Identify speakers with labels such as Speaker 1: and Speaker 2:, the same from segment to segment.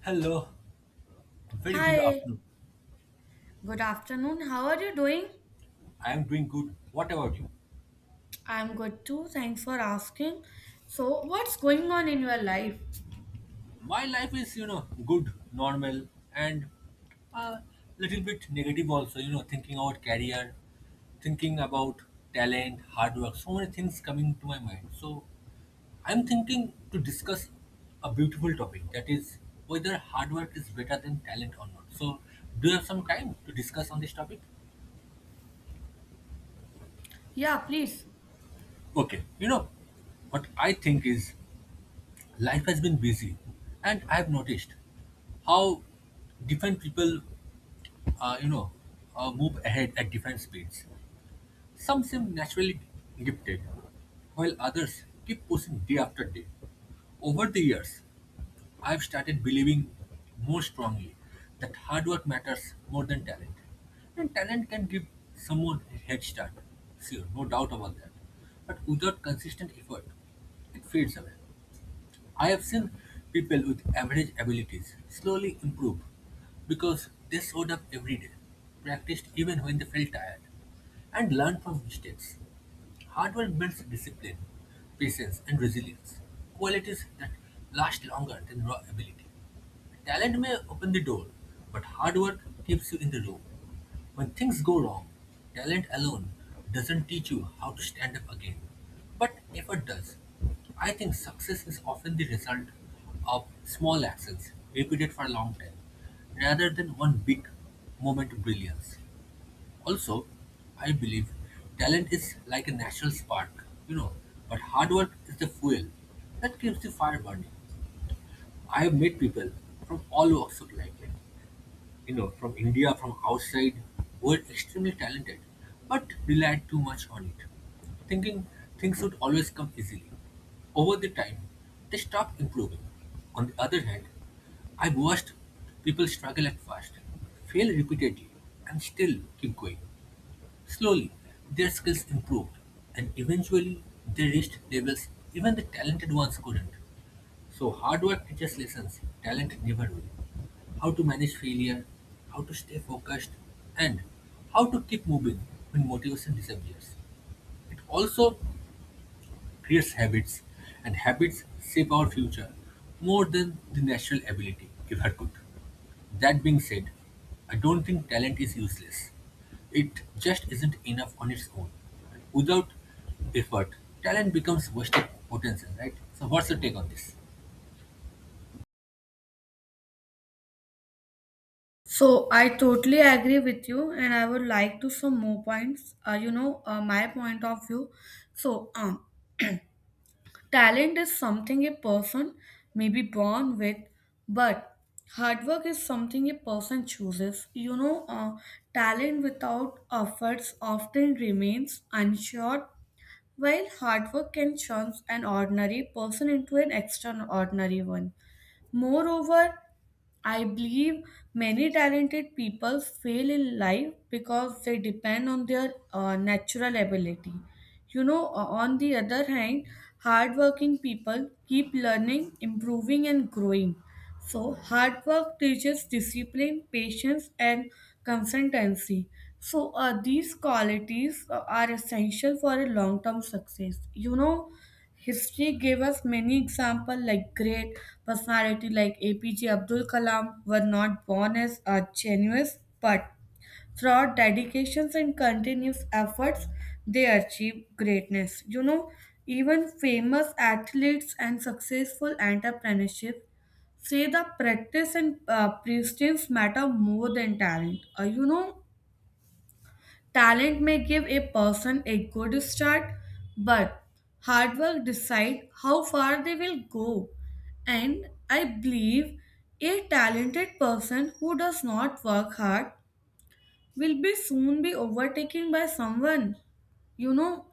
Speaker 1: Hello, very good
Speaker 2: Hi,
Speaker 1: afternoon.
Speaker 2: good afternoon. How are you doing?
Speaker 1: I am doing good. What about you?
Speaker 2: I'm good too. Thanks for asking. So, what's going on in your life?
Speaker 1: My life is, you know, good, normal, and a little bit negative also. You know, thinking about career, thinking about talent, hard work, so many things coming to my mind. So, I'm thinking to discuss a beautiful topic that is whether hard work is better than talent or not. So, do you have some time to discuss on this topic?
Speaker 2: Yeah, please.
Speaker 1: Okay, you know, what I think is life has been busy and I've noticed how different people uh, you know move ahead at different speeds. Some seem naturally gifted while others keep pushing day after day. Over the years, I've started believing more strongly that hard work matters more than talent, and talent can give someone a head start, sure, no doubt about that, but without consistent effort it fades away. I have seen people with average abilities slowly improve because they showed up every day, practiced even when they felt tired, and learned from mistakes. Hard work builds discipline, patience, and resilience, qualities that last longer than raw ability. Talent may open the door, but hard work keeps you in the room. When things go wrong, talent alone doesn't teach you how to stand up again, but effort does. I think success is often the result of small actions repeated for a long time, rather than one big moment of brilliance. Also, I believe talent is like a natural spark, you know, but hard work is the fuel that keeps the fire burning. I've met people from all walks of life, like, you know, from India, from outside, who are extremely talented, but relied too much on it, thinking things would always come easily. Over the time, they stopped improving. On the other hand, I've watched people struggle at first, fail repeatedly, and still keep going. Slowly, their skills improved, and eventually they reached levels even the talented ones couldn't. So hard work teaches lessons talent never will. How to manage failure, how to stay focused, and how to keep moving when motivation disappears. It also creates habits, and habits shape our future more than the natural ability ever could. That being said, I don't think talent is useless. It just isn't enough on its own. Without effort, talent becomes wasted potential, right? So, what's your take on this?
Speaker 2: So, I totally agree with you, and I would like to some more points. My point of view. So, um, talent is something a person may be born with, but hard work is something a person chooses. Talent without efforts often remains unsure. While hard work can turn an ordinary person into an extraordinary one. Moreover, I believe many talented people fail in life because they depend on their natural ability. On the other hand, hardworking people keep learning, improving, and growing. So, hard work teaches discipline, patience, and consistency. So, these qualities are essential for a long term success. You know, history gave us many examples like great personality like APJ Abdul Kalam were not born as a genius, but through our dedications and continuous efforts, they achieved greatness. You know, even famous athletes and successful entrepreneurship say the practice and persistence matter more than talent. Talent may give a person a good start, but hard work decide how far they will go. And I believe a talented person who does not work hard will be soon be overtaken by someone, you know,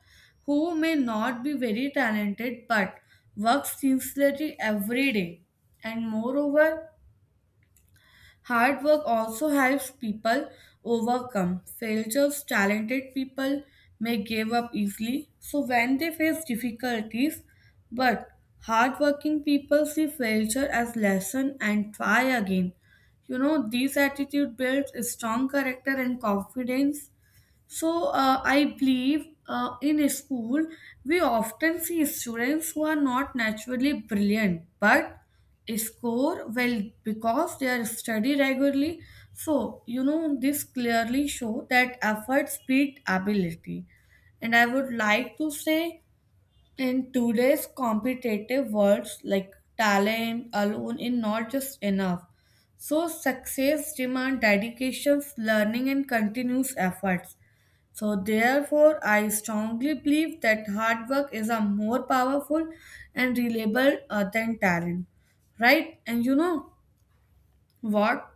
Speaker 2: who may not be very talented but works sincerely every day. And moreover, hard work also helps people overcome failures. Talented people may give up easily, so when they face difficulties, but hardworking people see failure as lesson and try again. You know, this attitude builds strong character and confidence. So, I believe in a school we often see students who are not naturally brilliant but score well because they are study regularly. So you know this clearly show that efforts beat ability. And I would like to say in today's competitive worlds like talent alone is not just enough. So success demand dedications, learning and continuous efforts. So, therefore, I strongly believe that hard work is a more powerful and reliable than talent, right? And you know what?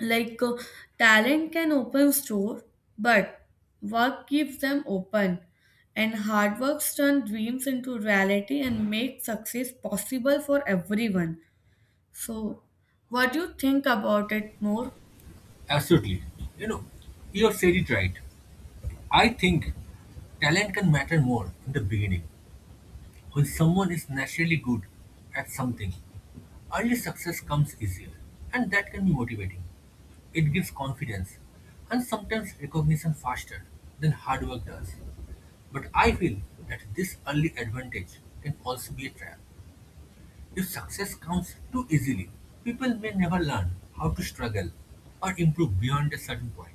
Speaker 2: Like, uh, talent can open store, but work keeps them open. And hard work turns dreams into reality and makes success possible for everyone. So, what do you think about it more?
Speaker 1: Absolutely. You know, you have said it right. I think talent can matter more in the beginning. When someone is naturally good at something, early success comes easier, and that can be motivating. It gives confidence and sometimes recognition faster than hard work does. But I feel that this early advantage can also be a trap. If success comes too easily, people may never learn how to struggle or improve beyond a certain point.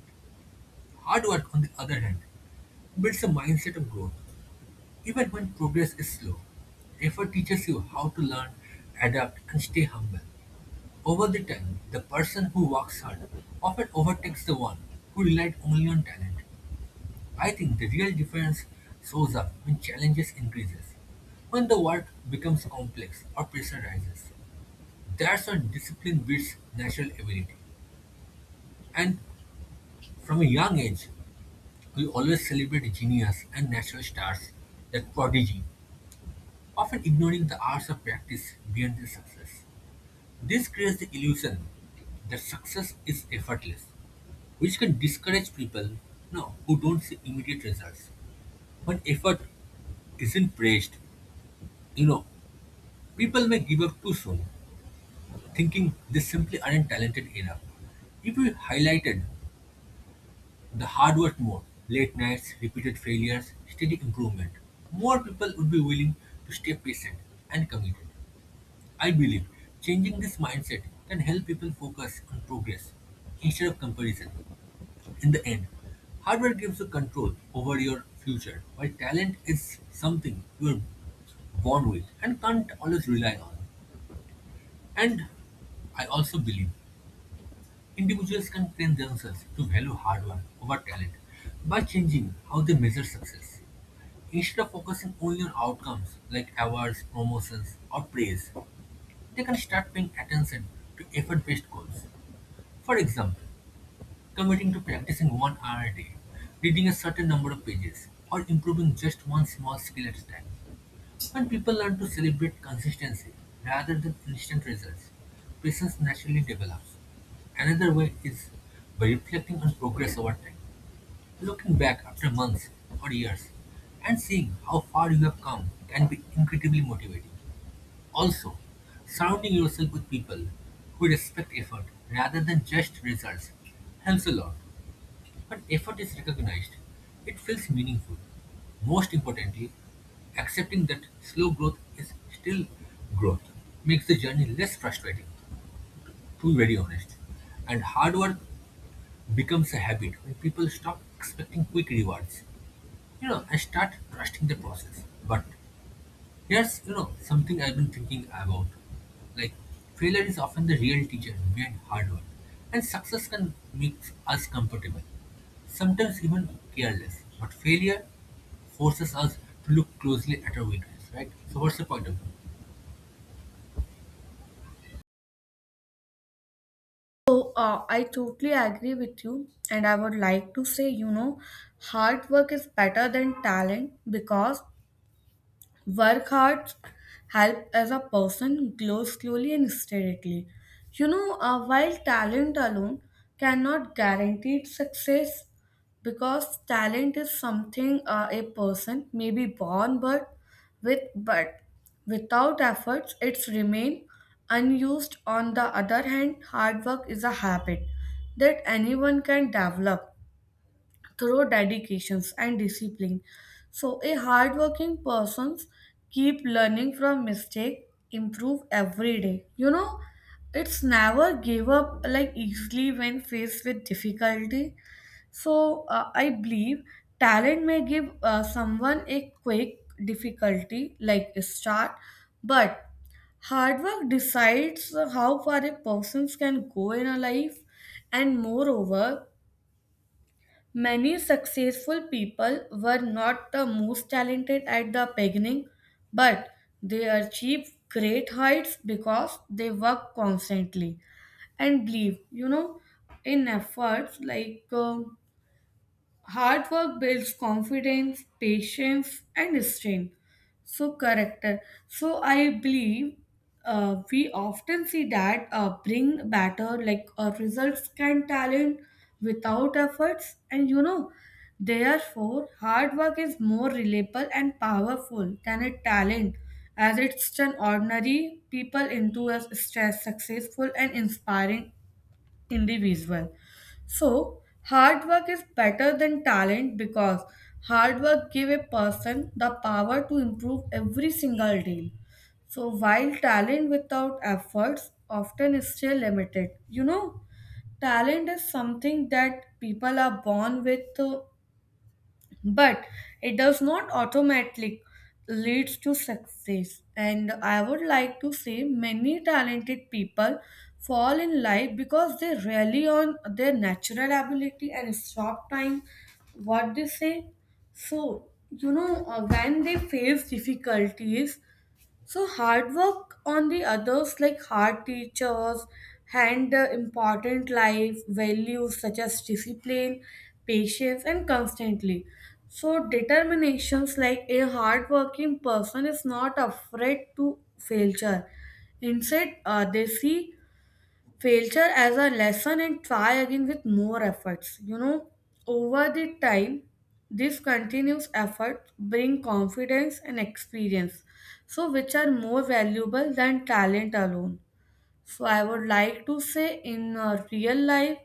Speaker 1: Hard work, on the other hand, builds a mindset of growth. Even when progress is slow, effort teaches you how to learn, adapt, and stay humble. Over the time, the person who works hard often overtakes the one who relied only on talent. I think the real difference shows up when challenges increases. When the work becomes complex or pressure rises, that's when discipline beats natural ability. And from a young age, we always celebrate genius and natural stars, that prodigy, often ignoring the hours of practice beyond their success. This creates the illusion that success is effortless, which can discourage people, you know, who don't see immediate results. When effort isn't praised, you know, people may give up too soon, thinking they simply aren't talented enough. If we highlighted the hard work more, late nights, repeated failures, steady improvement, more people would be willing to stay patient and committed. I believe changing this mindset can help people focus on progress instead of comparison. In the end, hardware gives you control over your future, while talent is something you are born with and can't always rely on. And I also believe individuals can train themselves to value hard work over talent by changing how they measure success. Instead of focusing only on outcomes like awards, promotions, or praise, they can start paying attention to effort-based goals. For example, committing to practicing 1 hour a day, reading a certain number of pages, or improving just one small skill at a time. When people learn to celebrate consistency rather than instant results, patience naturally develops. Another way is by reflecting on progress over time, looking back after months or years and seeing how far you have come can be incredibly motivating. Also, surrounding yourself with people who respect effort rather than just results helps a lot. When effort is recognized, it feels meaningful. Most importantly, accepting that slow growth is still growth makes the journey less frustrating, to be very honest. And hard work becomes a habit when people stop expecting quick rewards, you know, and start trusting the process. But here's, you know, something I've been thinking about. Like, failure is often the real teacher behind hard work, and success can make us comfortable, sometimes even careless. But failure forces us to look closely at our weakness, right? So, what's the point of view?
Speaker 2: So, I totally agree with you, and I would like to say, you know, hard work is better than talent because work hard, help as a person grow slowly and steadily. While talent alone cannot guarantee success, because talent is something a person may be born but with but without efforts it's remain unused. On the other hand, hard work is a habit that anyone can develop through dedications and discipline. So a hardworking persons keep learning from mistake, improve every day. You know, it's never give up like easily when faced with difficulty. So, I believe talent may give someone a quick difficulty like a start, but hard work decides how far a person can go in a life, and moreover, many successful people were not the most talented at the beginning, but they achieved great heights because they work constantly and believe, you know, in efforts like. Hard work builds confidence, patience, and strength. So, character. So, I believe we often see that bring better, like results can talent without efforts, and you know, therefore, hard work is more reliable and powerful than a talent as it's an ordinary people into a stress, successful, and inspiring individual. So, hard work is better than talent because hard work give a person the power to improve every single day. So, while talent without efforts often is still limited, you know, talent is something that people are born with but it does not automatically leads to success. And I would like to say many talented people fall in life because they rely on their natural ability and stop time what they say. So, you know, when they face difficulties, so hard work on the others like hard teachers and important life values such as discipline, patience and constantly. So determinations like a hardworking person is not afraid to failure. Instead, they see failure as a lesson and try again with more efforts. You know, over the time this continuous effort bring confidence and experience, so which are more valuable than talent alone. So I would like to say in real life,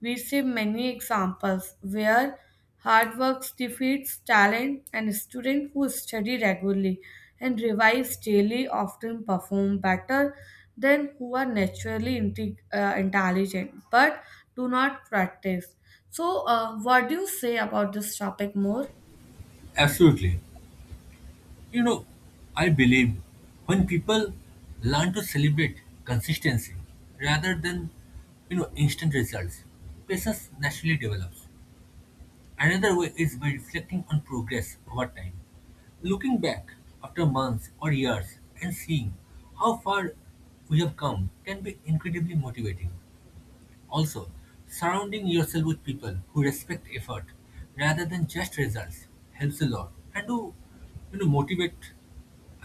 Speaker 2: we see many examples where hard work defeats talent and students who study regularly and revise daily often perform better than who are naturally intelligent but do not practice. So, what do you say about this topic more?
Speaker 1: Absolutely. You know, I believe when people learn to celebrate consistency rather than, you know, instant results, patience naturally develops. Another way is by reflecting on progress over time, looking back after months or years and seeing how far we have come can be incredibly motivating. Also, surrounding yourself with people who respect effort rather than just results helps a lot, and who, you know, motivate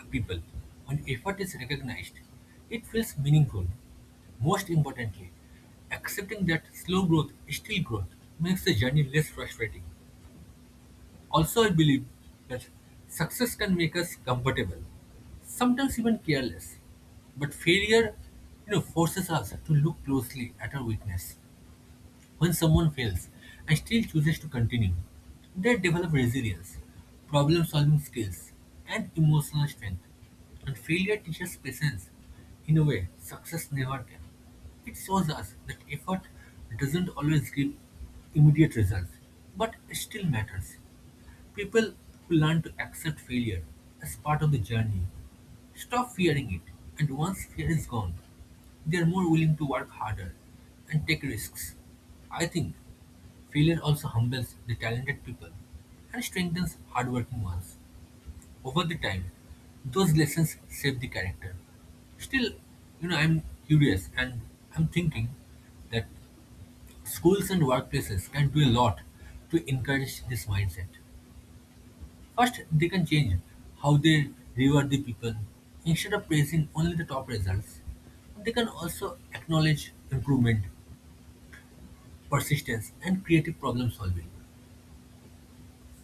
Speaker 1: people. When effort is recognized, it feels meaningful. Most importantly, accepting that slow growth is still growth makes the journey less frustrating. Also, I believe that success can make us comfortable, sometimes even careless. But failure, you know, forces us to look closely at our weakness. When someone fails and still chooses to continue, they develop resilience, problem-solving skills, and emotional strength. And failure teaches patience in a way success never can. It shows us that effort doesn't always give immediate results, but it still matters. People who learn to accept failure as part of the journey stop fearing it, and once fear is gone, they are more willing to work harder and take risks. I think failure also humbles the talented people and strengthens hardworking ones. Over the time, those lessons shape the character. Still, you know, I'm curious, and I'm thinking that schools and workplaces can do a lot to encourage this mindset. First, they can change how they reward the people. Instead of praising only the top results, they can also acknowledge improvement, persistence, and creative problem solving.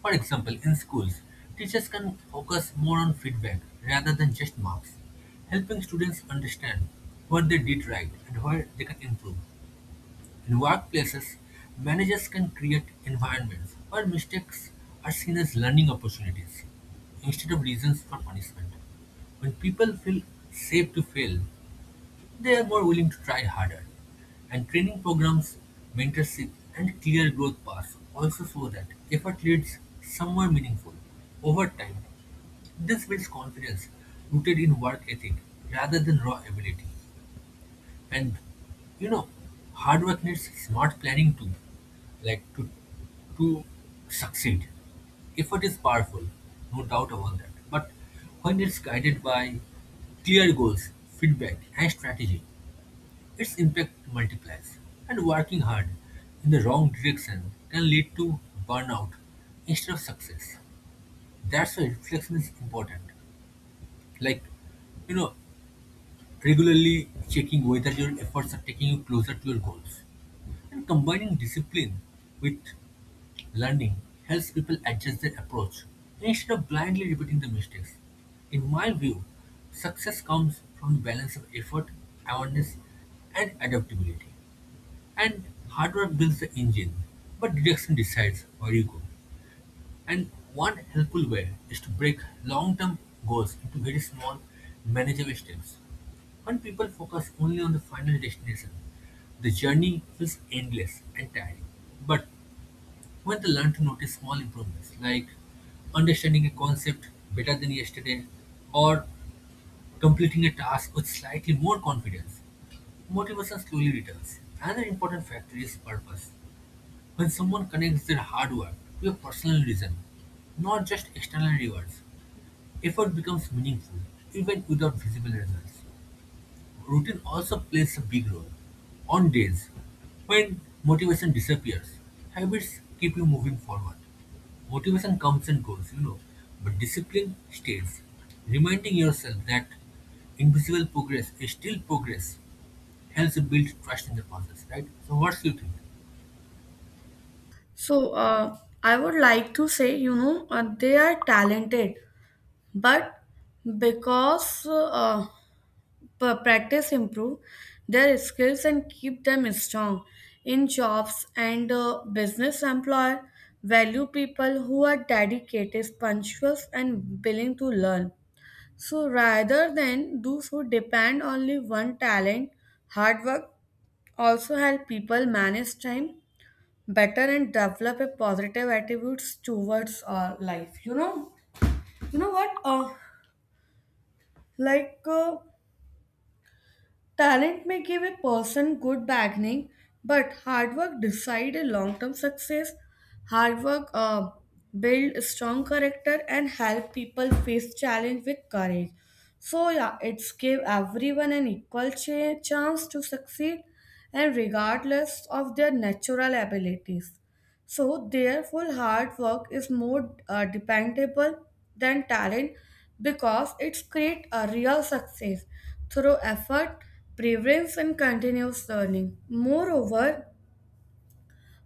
Speaker 1: For example, in schools, teachers can focus more on feedback rather than just marks, helping students understand what they did right and where they can improve. In workplaces, managers can create environments where mistakes are seen as learning opportunities instead of reasons for punishment. When people feel safe to fail, they are more willing to try harder. And training programs, mentorship, and clear growth paths also show that effort leads somewhere meaningful over time. This builds confidence rooted in work ethic rather than raw ability. And you know, hard work needs smart planning too, like to succeed. Effort is powerful, no doubt about that. But when it's guided by clear goals, feedback, and strategy, its impact multiplies. And working hard in the wrong direction can lead to burnout instead of success. That's why reflection is important. Like, you know, regularly checking whether your efforts are taking you closer to your goals. And combining discipline with learning helps people adjust their approach instead of blindly repeating the mistakes. In my view, success comes from the balance of effort, awareness, and adaptability. And hard work builds the engine, but direction decides where you go. And one helpful way is to break long-term goals into very small, manageable steps. When people focus only on the final destination, the journey feels endless and tiring. But when they learn to notice small improvements, like understanding a concept better than yesterday or completing a task with slightly more confidence, motivation slowly returns. Another important factor is purpose. When someone connects their hard work to a personal reason, not just external rewards, effort becomes meaningful even without visible results. Routine also plays a big role. On days when motivation disappears, habits keep you moving forward. Motivation comes and goes, you know, but discipline stays. Reminding yourself that invisible progress is still progress helps you build trust in the process, right? So, what's your think?
Speaker 2: So, I would like to say, you know, they are talented, but because practice improve their skills and keep them strong in jobs and business employer value people who are dedicated punctual and willing to learn, so rather than those who depend only one talent. Hard work also help people manage time better and develop a positive attitudes towards life. You know, you know what like, uh, talent may give a person good beginning, but hard work decide a long-term success. Hard work build a strong character and help people face challenge with courage. So yeah, it's give everyone an equal chance to succeed, and regardless of their natural abilities. So, therefore, hard work is more dependable than talent because it's create a real success through effort, preference, and continuous learning. Moreover,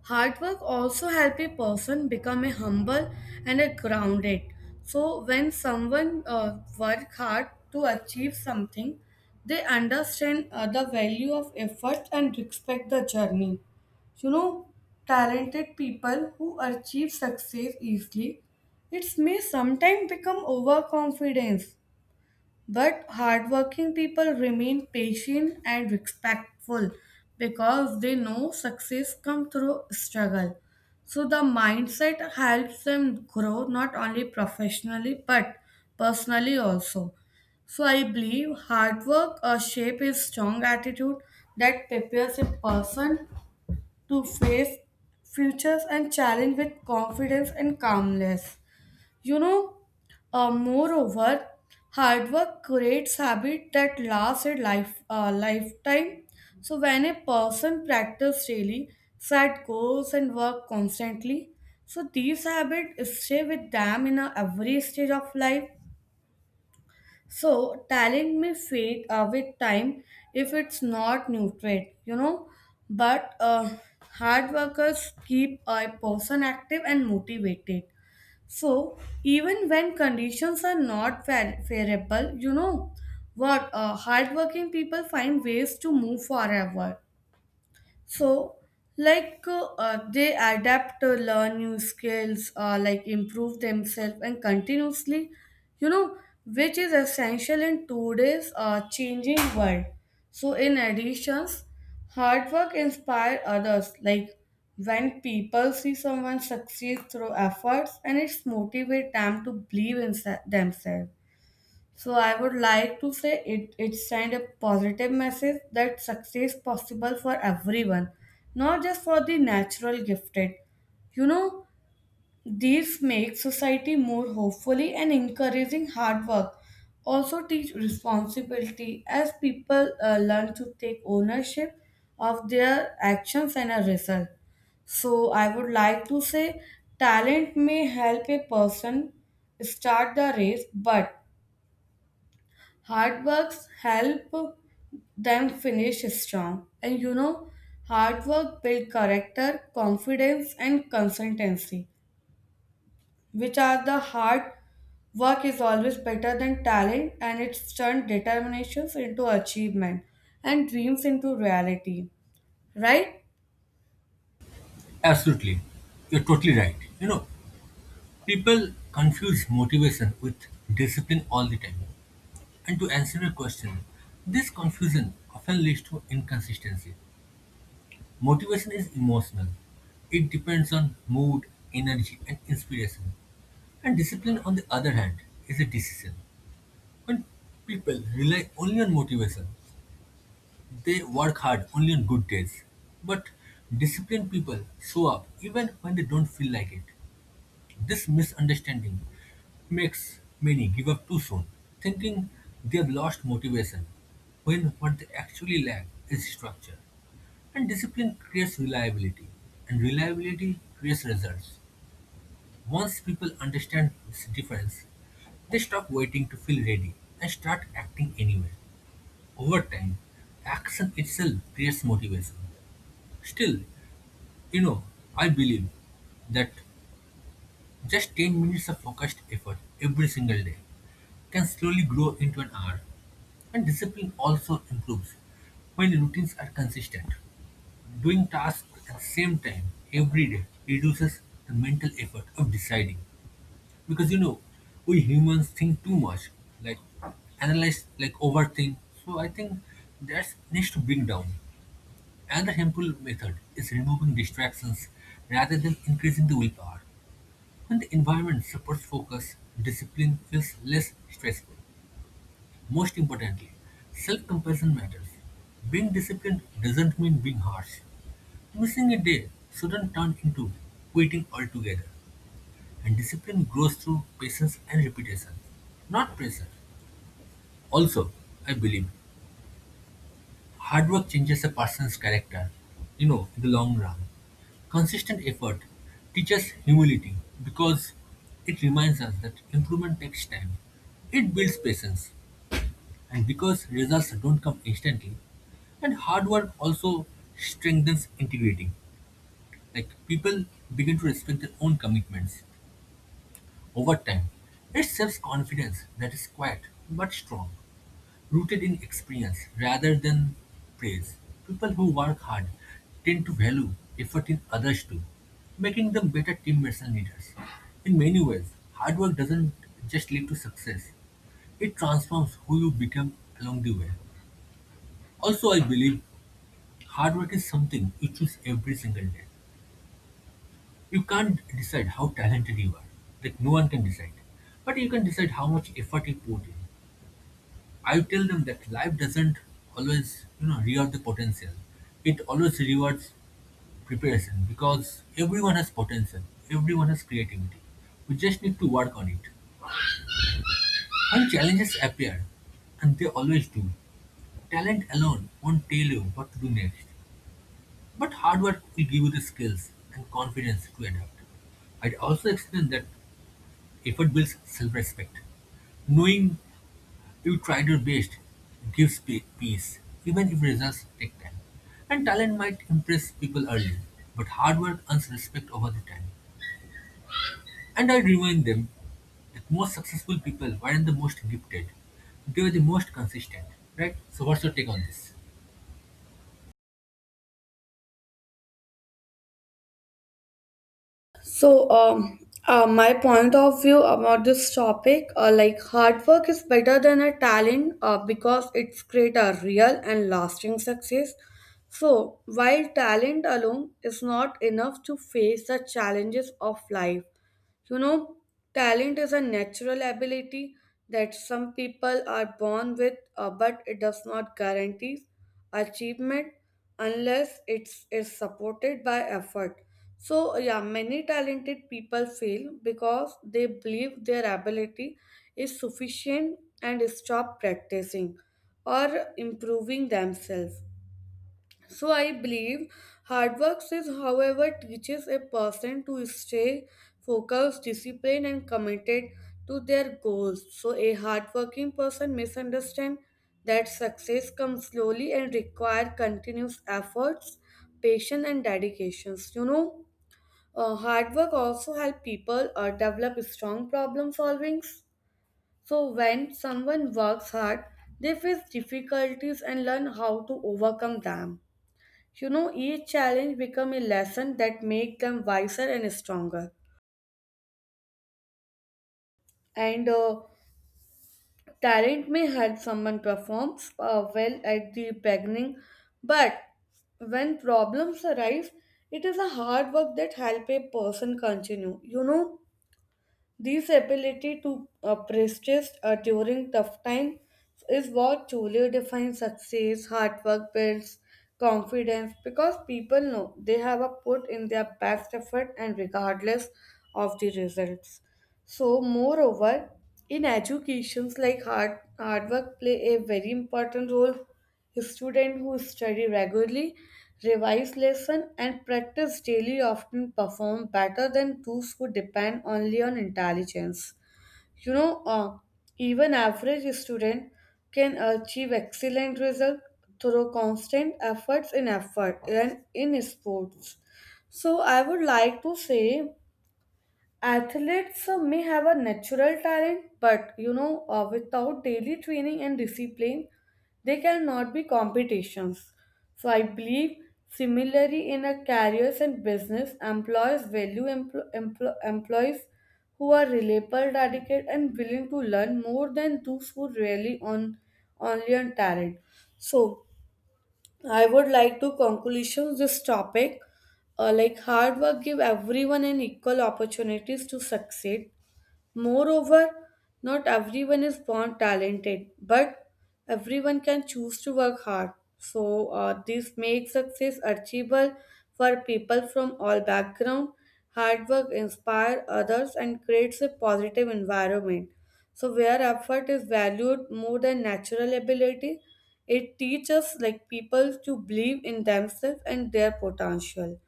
Speaker 2: hard work also help a person become a humble and a grounded. So when someone work hard to achieve something, they understand the value of effort and respect the journey. You know, talented people who achieve success easily, it may sometimes become overconfidence but hardworking people remain patient and respectful because they know success comes through struggle. So the mindset helps them grow not only professionally but personally also. So I believe hard work shape a strong attitude that prepares a person to face futures and challenge with confidence and calmness. You know, moreover, hard work creates habit that lasts a lifetime. So when a person practices daily, set goals and work constantly, so these habits stay with them in every stage of life. So talent may fade with time if it's not nurtured, you know. But hard workers keep a person active and motivated. So, even when conditions are not favorable, you know what? Hardworking people find ways to move forward. So, they adapt to learn new skills, like improve themselves and continuously, you know, which is essential in today's changing world. So, in addition, hard work inspire others. Like when people see someone succeed through efforts, and it's motivate them to believe in themselves. So I would like to say it send a positive message that success possible for everyone, not just for the natural gifted. You know, these make society more hopefully and encouraging hard work. Also teach responsibility as people learn to take ownership of their actions and a result. So I would like to say talent may help a person start the race, but hard works help them finish strong. And you know, hard work build character, confidence, and consistency, which are the hard work is always better than talent and it's turned determinations into achievement and dreams into reality. Right?
Speaker 1: Absolutely. You're totally right. You know, people confuse motivation with discipline all the time. And to answer your question, this confusion often leads to inconsistency. Motivation is emotional, it depends on mood, energy, and inspiration. And discipline, on the other hand, is a decision. When people rely only on motivation, they work hard only on good days. But disciplined people show up even when they don't feel like it. This misunderstanding makes many give up too soon, thinking they've lost motivation, when what they actually lack is structure. And discipline creates reliability, and reliability creates results. Once people understand this difference, they stop waiting to feel ready and start acting anyway. Over time, action itself creates motivation. Still, you know, I believe that just 10 minutes of focused effort every single day can slowly grow into an hour. And discipline also improves when routines are consistent. Doing tasks at the same time every day reduces the mental effort of deciding. Because we humans think too much, like analyze, like overthink. So I think that needs to bring down. Another helpful method is removing distractions rather than increasing the willpower. When the environment supports focus, discipline feels less stressful. Most importantly, self-compassion matters. Being disciplined doesn't mean being harsh. Missing a day shouldn't turn into quitting altogether. And discipline grows through patience and repetition, not pressure. Also, I believe hard work changes a person's character, in the long run. Consistent effort teaches humility because it reminds us that improvement takes time. It builds patience. And because results don't come instantly, and hard work also strengthens integrity. Like people begin to respect their own commitments over time. It shapes confidence that is quiet but strong, rooted in experience rather than praise. People who work hard tend to value effort in others too, making them better teammates and leaders. In many ways, hard work doesn't just lead to success, it transforms who you become along the way. Also, I believe hard work is something you choose every single day. You can't decide how talented you are, like, no one can decide. But you can decide how much effort you put in. I tell them that life doesn't always, reward the potential. It always rewards preparation because everyone has potential, everyone has creativity. We just need to work on it. When challenges appear, and they always do, talent alone won't tell you what to do next. But hard work will give you the skills and confidence to adapt. I'd also explain that effort builds self respect. Knowing you tried your best gives peace, even if results take time. And talent might impress people early, but hard work earns respect over the time. And I remind them that most successful people weren't the most gifted, they were the most consistent, right? So, what's your take on this?
Speaker 2: So, my point of view about this topic, like hard work is better than a talent because it's create a real and lasting success. So, while talent alone is not enough to face the challenges of life, you know, talent is a natural ability that some people are born with, but it does not guarantee achievement unless it's is supported by effort. So yeah, many talented people fail because they believe their ability is sufficient and stop practicing or improving themselves. So I believe hard work is, however, teaches a person to stay focused, disciplined, and committed to their goals. So a hardworking person misunderstands that success comes slowly and require continuous efforts, patience, and dedications. Hard work also help people develop strong problem solving. So when someone works hard, they face difficulties and learn how to overcome them. You know, each challenge become a lesson that make them wiser and stronger. And talent may help someone performs well at the beginning, but when problems arise, it is a hard work that help a person continue. You know, this ability to persist during tough times is what truly defines success. Hard work builds confidence because people know they have a put in their best effort and regardless of the results. So, moreover, in educations like hard work play a very important role. A student who study regularly, revise lesson, and practice daily often perform better than those who depend only on intelligence. You know, uh, even average student can achieve excellent result through constant efforts in effort and in sports. So I would like to say athletes may have a natural talent, but you know, without daily training and discipline, they cannot be competitions. So I believe similarly in a careers and business, employers value employees who are reliable, dedicated, and willing to learn more than those who rely on only on talent. So I would like to conclusion this topic. Like hard work give everyone an equal opportunities to succeed. Moreover, not everyone is born talented, but everyone can choose to work hard. So, this makes success achievable for people from all backgrounds. Hard work inspires others and creates a positive environment. So, where effort is valued more than natural ability, it teaches like people to believe in themselves and their potential.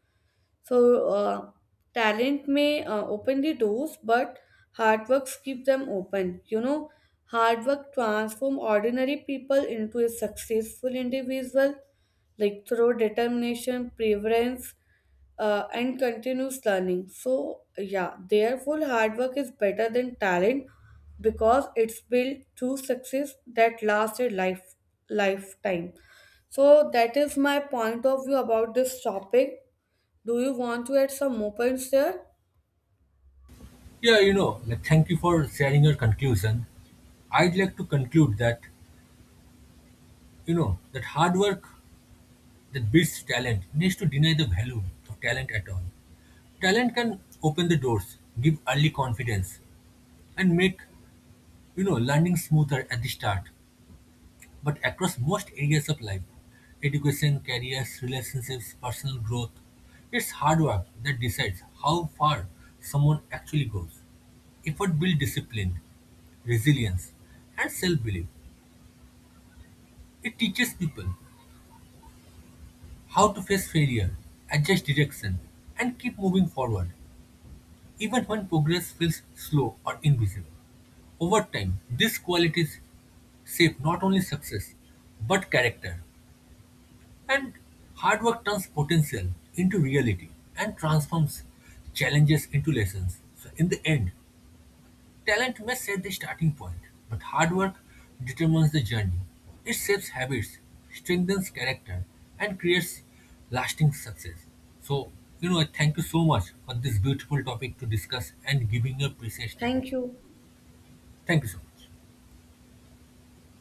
Speaker 2: So, talent may open the doors, but hard work keep them open. You know, hard work transform ordinary people into a successful individual, like through determination, preference, and continuous learning. So, yeah, therefore, hard work is better than talent because it's built to success that lasts a lifetime. So that is my point of view about this topic. Do you want to add some more points there?
Speaker 1: Yeah, like, thank you for sharing your conclusion. I'd like to conclude that, that hard work that beats talent needs to deny the value of talent at all. Talent can open the doors, give early confidence, and make, learning smoother at the start. But across most areas of life, education, careers, relationships, personal growth, it's hard work that decides how far someone actually goes. Effort builds discipline, resilience, and self belief. It teaches people how to face failure, adjust direction, and keep moving forward, even when progress feels slow or invisible. Over time, these qualities shape not only success but character, and hard work turns potential into reality and transforms challenges into lessons. So, in the end, talent may set the starting point, but hard work determines the journey. It shapes habits, strengthens character, and creates lasting success. So, thank you so much for this beautiful topic to discuss and giving your precious time.
Speaker 2: Thank you.
Speaker 1: Thank you so much.